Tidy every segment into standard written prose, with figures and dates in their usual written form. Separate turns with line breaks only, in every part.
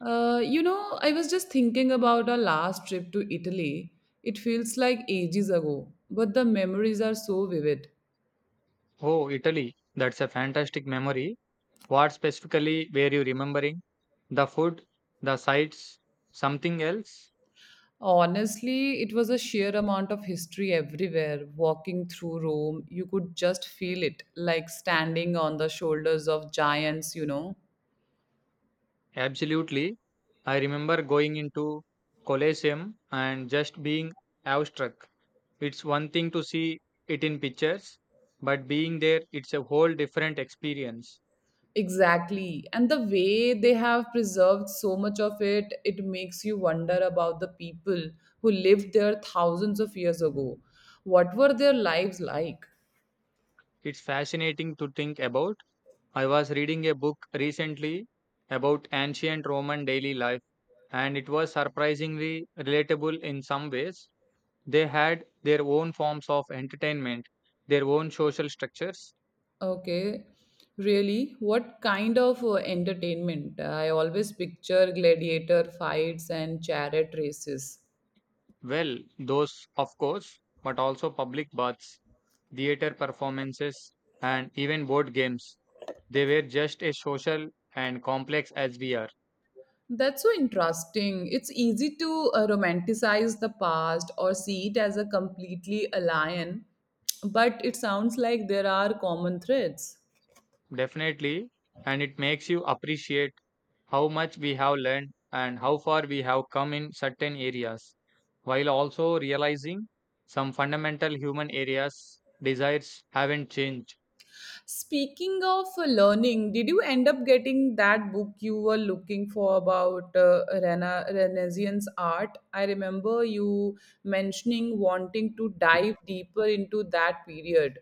I was just thinking about our last trip to Italy. It feels like ages ago, but the memories are so vivid.
Oh, Italy. That's a fantastic memory. What specifically were you remembering? The food, the sights, something else?
Honestly, it was a sheer amount of history everywhere. Walking through Rome, you could just feel it, like standing on the shoulders of giants.
Absolutely. I remember going into Colosseum and just being awestruck. It's one thing to see it in pictures, but being there, it's a whole different experience.
Exactly. And the way they have preserved so much of it, it makes you wonder about the people who lived there thousands of years ago. What were their lives like?
It's fascinating to think about. I was reading a book recently about ancient Roman daily life, and it was surprisingly relatable in some ways. They had their own forms of entertainment, their own social structures.
Okay, really? What kind of entertainment? I always picture gladiator fights and chariot races.
Well, those, of course, but also public baths, theater performances, and even board games. They were just as social and complex as we are,
That's so interesting. It's easy to romanticize the past or see it as a completely alien, but it sounds like there are common threads.
definitely, and it makes you appreciate how much we have learned and how far we have come in certain areas, while also realizing some fundamental human areas desires haven't changed.
Speaking of learning, did you end up getting that book you were looking for about Renaissance art? I remember you mentioning wanting to dive deeper into that period.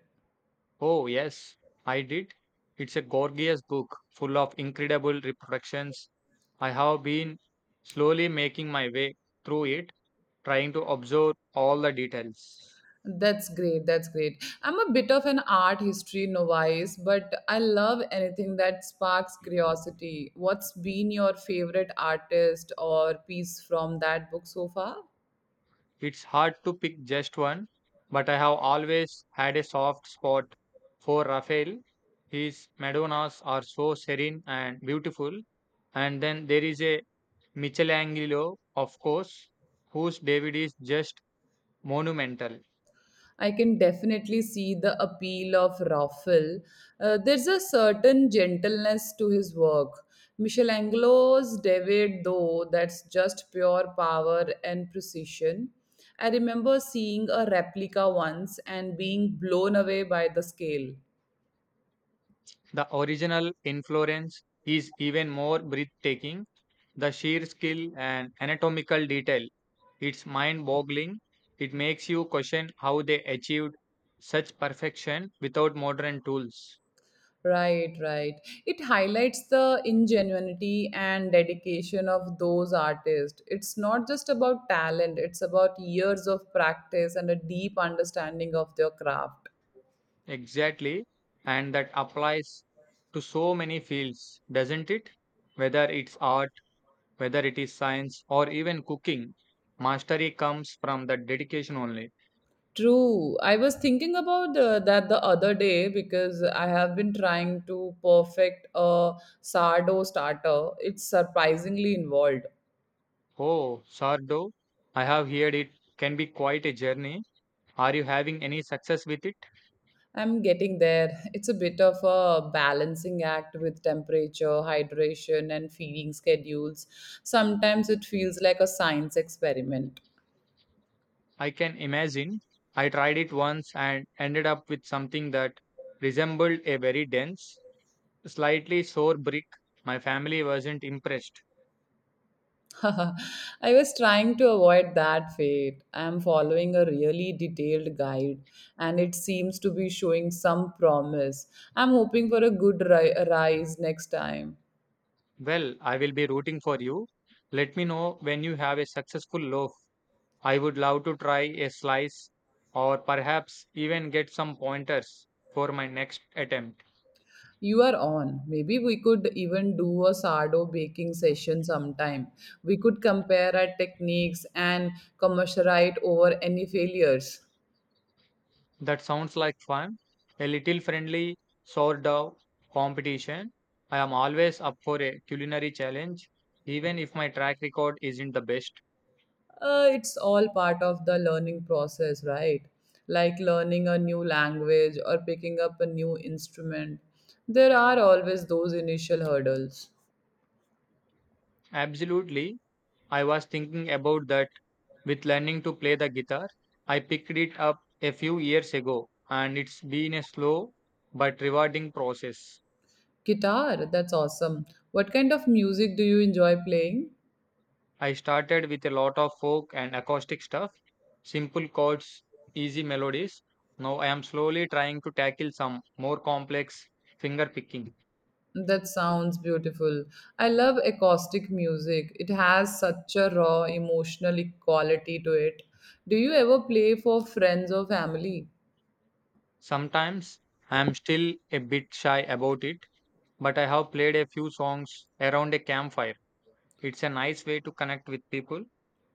Oh, yes, I did. It's a gorgeous book full of incredible reproductions. I have been slowly making my way through it, trying to observe all the details.
That's great. That's great. I'm a bit of an art history novice, but I love anything that sparks curiosity. What's been your favorite artist or piece from that book so far?
It's hard to pick just one, but I have always had a soft spot for Raphael. His Madonnas are so serene and beautiful. And then there is a Michelangelo, of course, whose David is just monumental.
I can definitely see the appeal of Raphael. There's a certain gentleness to his work. Michelangelo's David, though, that's just pure power and precision. I remember seeing a replica once and being blown away by the scale.
The original in Florence is even more breathtaking. The sheer skill and anatomical detail, it's mind boggling. It makes you question how they achieved such perfection without modern tools.
Right, right. It highlights the ingenuity and dedication of those artists. It's not just about talent, it's about years of practice and a deep understanding of their craft.
Exactly. And that applies to so many fields, doesn't it? Whether it's art, whether it is science, or even cooking, mastery comes from that dedication only.
True. I was thinking about that the other day because I have been trying to perfect a sourdough starter. It's surprisingly involved.
Oh, Sardo, I have heard it can be quite a journey. Are you having any success with it?
I'm getting there. It's a bit of a balancing act with temperature, hydration, and feeding schedules. Sometimes it feels like a science experiment.
I can imagine. I tried it once and ended up with something that resembled a very dense, slightly sour brick. My family wasn't impressed.
I was trying to avoid that fate. I'm following a really detailed guide and it seems to be showing some promise. I'm hoping for a good rise next time.
Well, I will be rooting for you. Let me know when you have a successful loaf. I would love to try a slice or perhaps even get some pointers for my next attempt.
You are on. Maybe we could even do a sourdough baking session sometime. We could compare our techniques and commiserate over any failures.
That sounds like fun. A little friendly sort of competition. I am always up for a culinary challenge, even if my track record isn't the best.
It's all part of the learning process, right? Like learning a new language or picking up a new instrument. There are always those initial hurdles.
Absolutely. I was thinking about that with learning to play the guitar. I picked it up a few years ago, and it's been a slow but rewarding process.
Guitar, that's awesome. What kind of music do you enjoy playing?
I started with a lot of folk and acoustic stuff, simple chords, easy melodies. Now I am slowly trying to tackle some more complex finger picking.
That sounds beautiful. I love acoustic music. It has such a raw emotional quality to it. Do you ever play for friends or family?
Sometimes I am still a bit shy about it, but I have played a few songs around a campfire. It's a nice way to connect with people.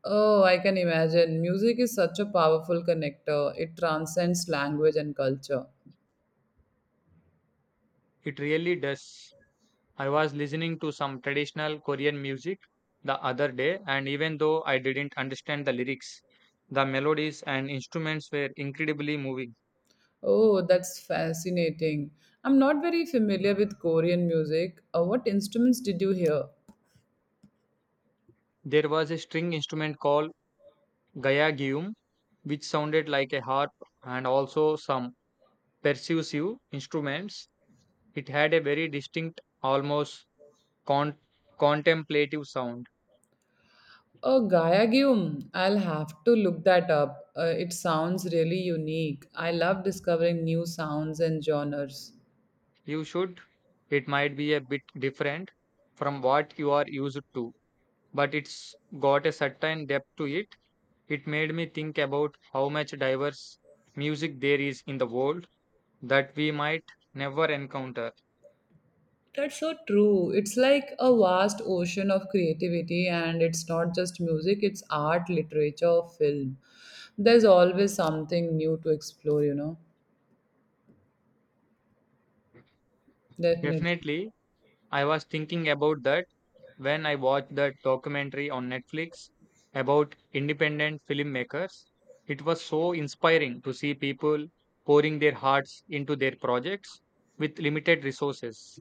Oh, I can imagine. Music is such a powerful connector. It transcends language and culture.
It really does. I was listening to some traditional Korean music the other day, and even though I didn't understand the lyrics, the melodies and instruments were incredibly moving.
Oh, that's fascinating. I'm not very familiar with Korean music. What instruments did you hear?
There was a string instrument called gayagium, which sounded like a harp, and also some percussive instruments. It had a very distinct, almost con- contemplative sound.
Oh, Gayagyum. I'll have to look that up. It sounds really unique. I love discovering new sounds and genres.
You should. It might be a bit different from what you are used to, but it's got a certain depth to it. It made me think about how much diverse music there is in the world that we might never encounter.
That's so true. It's like a vast ocean of creativity, and it's not just music, it's art, literature, film. There's always something new to explore. Definitely.
Definitely, I was thinking about that when I watched that documentary on Netflix about independent filmmakers. It was so inspiring to see people pouring their hearts into their projects with limited resources.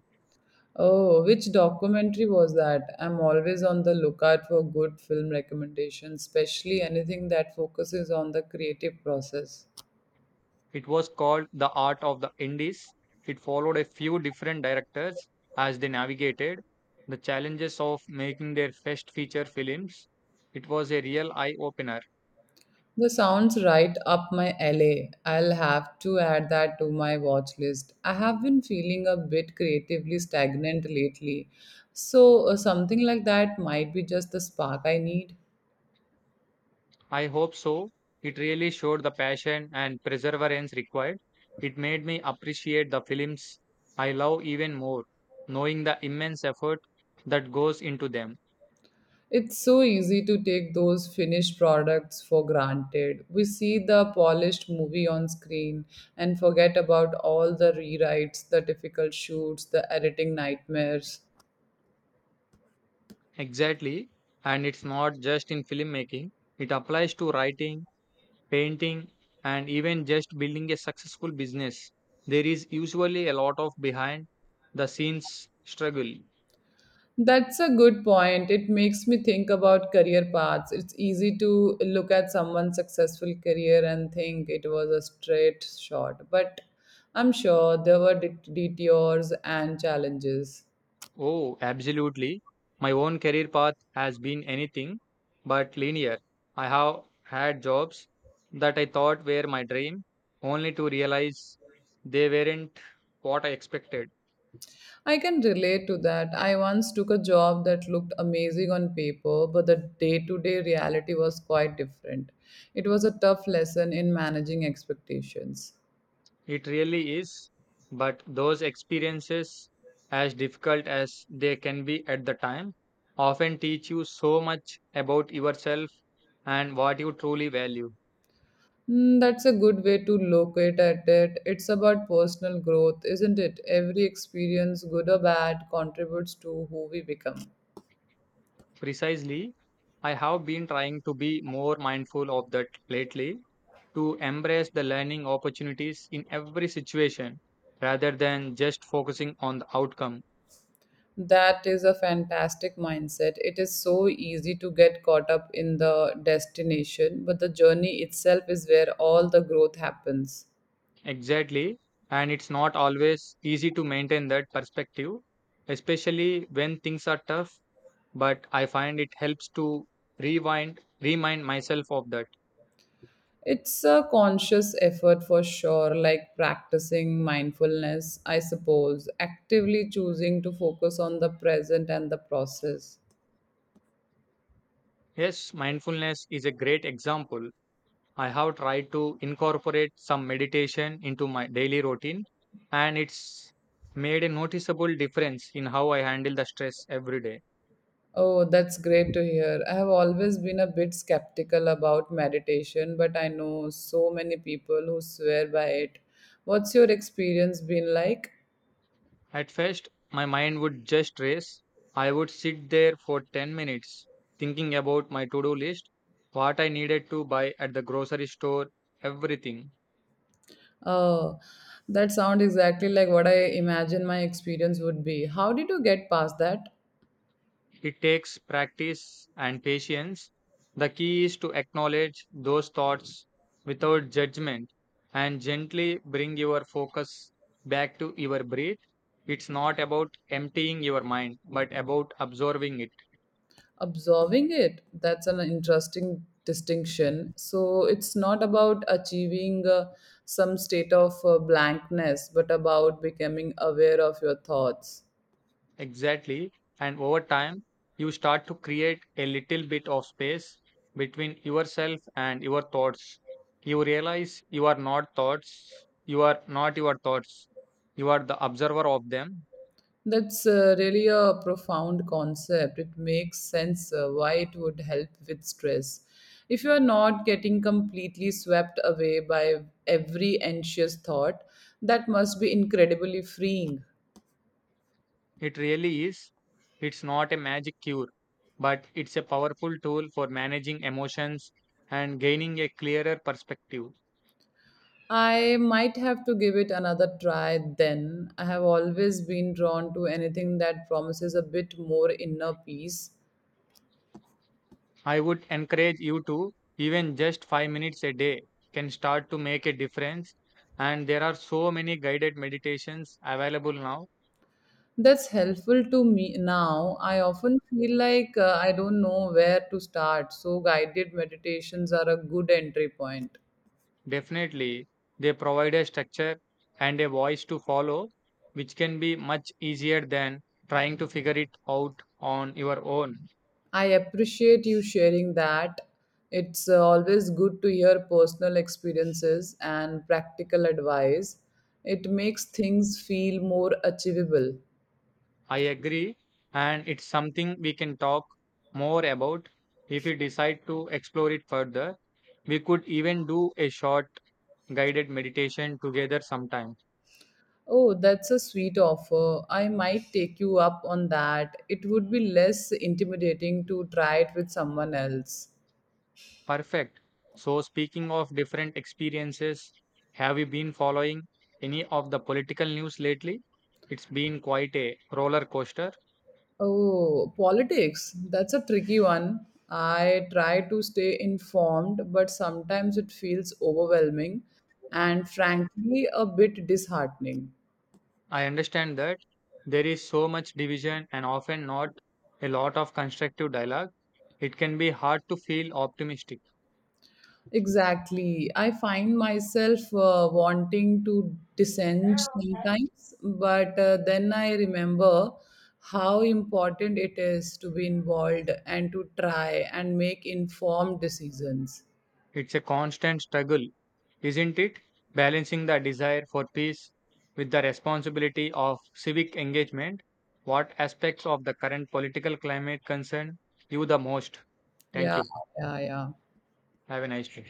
Oh, which documentary was that? I'm always on the lookout for good film recommendations, especially anything that focuses on the creative process.
It was called The Art of the Indies. It followed a few different directors as they navigated the challenges of making their first feature films. It was a real eye opener.
That sounds right up my alley. I'll have to add that to my watch list. I have been feeling a bit creatively stagnant lately, so something like that might be just the spark I need.
I hope so. It really showed the passion and perseverance required. It made me appreciate the films I love even more, knowing the immense effort that goes into them.
It's so easy to take those finished products for granted. We see the polished movie on screen and forget about all the rewrites, the difficult shoots, the editing nightmares.
Exactly. And it's not just in filmmaking, it applies to writing, painting, and even just building a successful business. There is usually a lot of behind the scenes struggle.
That's a good point. It makes me think about career paths. It's easy to look at someone's successful career and think it was a straight shot, but I'm sure there were detours and challenges.
Oh, absolutely. My own career path has been anything but linear. I have had jobs that I thought were my dream, only to realize they weren't what I expected.
I can relate to that. I once took a job that looked amazing on paper, but the day to day reality was quite different. It was a tough lesson in managing expectations.
It really is, but those experiences, as difficult as they can be at the time, often teach you so much about yourself and what you truly value.
Mm, that's a good way to locate at it. It's about personal growth, isn't it? Every experience, good or bad, contributes to who we become.
Precisely, I have been trying to be more mindful of that lately, to embrace the learning opportunities in every situation rather than just focusing on the outcome.
That is a fantastic mindset. It is so easy to get caught up in the destination, but the journey itself is where all the growth happens.
Exactly. And it's not always easy to maintain that perspective, especially when things are tough. But I find it helps to remind myself of that.
It's a conscious effort for sure, like practicing mindfulness, I suppose, actively choosing to focus on the present and the process.
Yes, mindfulness is a great example. I have tried to incorporate some meditation into my daily routine, and it's made a noticeable difference in how I handle the stress every day.
Oh, that's great to hear. I have always been a bit skeptical about meditation, but I know so many people who swear by it. What's your experience been like?
At first, my mind would just race. I would sit there for 10 minutes thinking about my to do list, what I needed to buy at the grocery store, everything.
Oh, that sounds exactly like what I imagine my experience would be. How did you get past that?
It takes practice and patience. The key is to acknowledge those thoughts without judgment and gently bring your focus back to your breath. It's not about emptying your mind, but about absorbing it.
Absorbing it. That's an interesting distinction. So it's not about achieving some state of blankness, but about becoming aware of your thoughts.
Exactly. And over time, you start to create a little bit of space between yourself and your thoughts. You realize you are not your thoughts. You are the observer of them.
That's really a profound concept. It makes sense why it would help with stress. If you are not getting completely swept away by every anxious thought, that must be incredibly freeing.
It really is. It's not a magic cure, but it's a powerful tool for managing emotions and gaining a clearer perspective.
I might have to give it another try then. I have always been drawn to anything that promises a bit more inner peace.
I would encourage you to, even just 5 minutes a day can start to make a difference. And there are so many guided meditations available now.
That's helpful to me now. I often feel like I don't know where to start, so guided meditations are a good entry point.
Definitely, they provide a structure and a voice to follow, which can be much easier than trying to figure it out on your own.
I appreciate you sharing that. It's always good to hear personal experiences and practical advice. It makes things feel more achievable.
I agree. And it's something we can talk more about if we decide to explore it further. We could even do a short guided meditation together sometime.
Oh, that's a sweet offer. I might take you up on that. It would be less intimidating to try it with someone else.
Perfect. So, speaking of different experiences, have you been following any of the political news lately? It's been quite a roller coaster.
Oh, politics. That's a tricky one. I try to stay informed, but sometimes it feels overwhelming and frankly a bit disheartening.
I understand that there is so much division and often not a lot of constructive dialogue. It can be hard to feel optimistic.
Exactly. I find myself wanting to dissent sometimes, but then I remember how important it is to be involved and to try and make informed decisions.
It's a constant struggle, isn't it? Balancing the desire for peace with the responsibility of civic engagement. What aspects of the current political climate concern you the most? Thank
Yeah,
you.
yeah, yeah.
Have a nice day.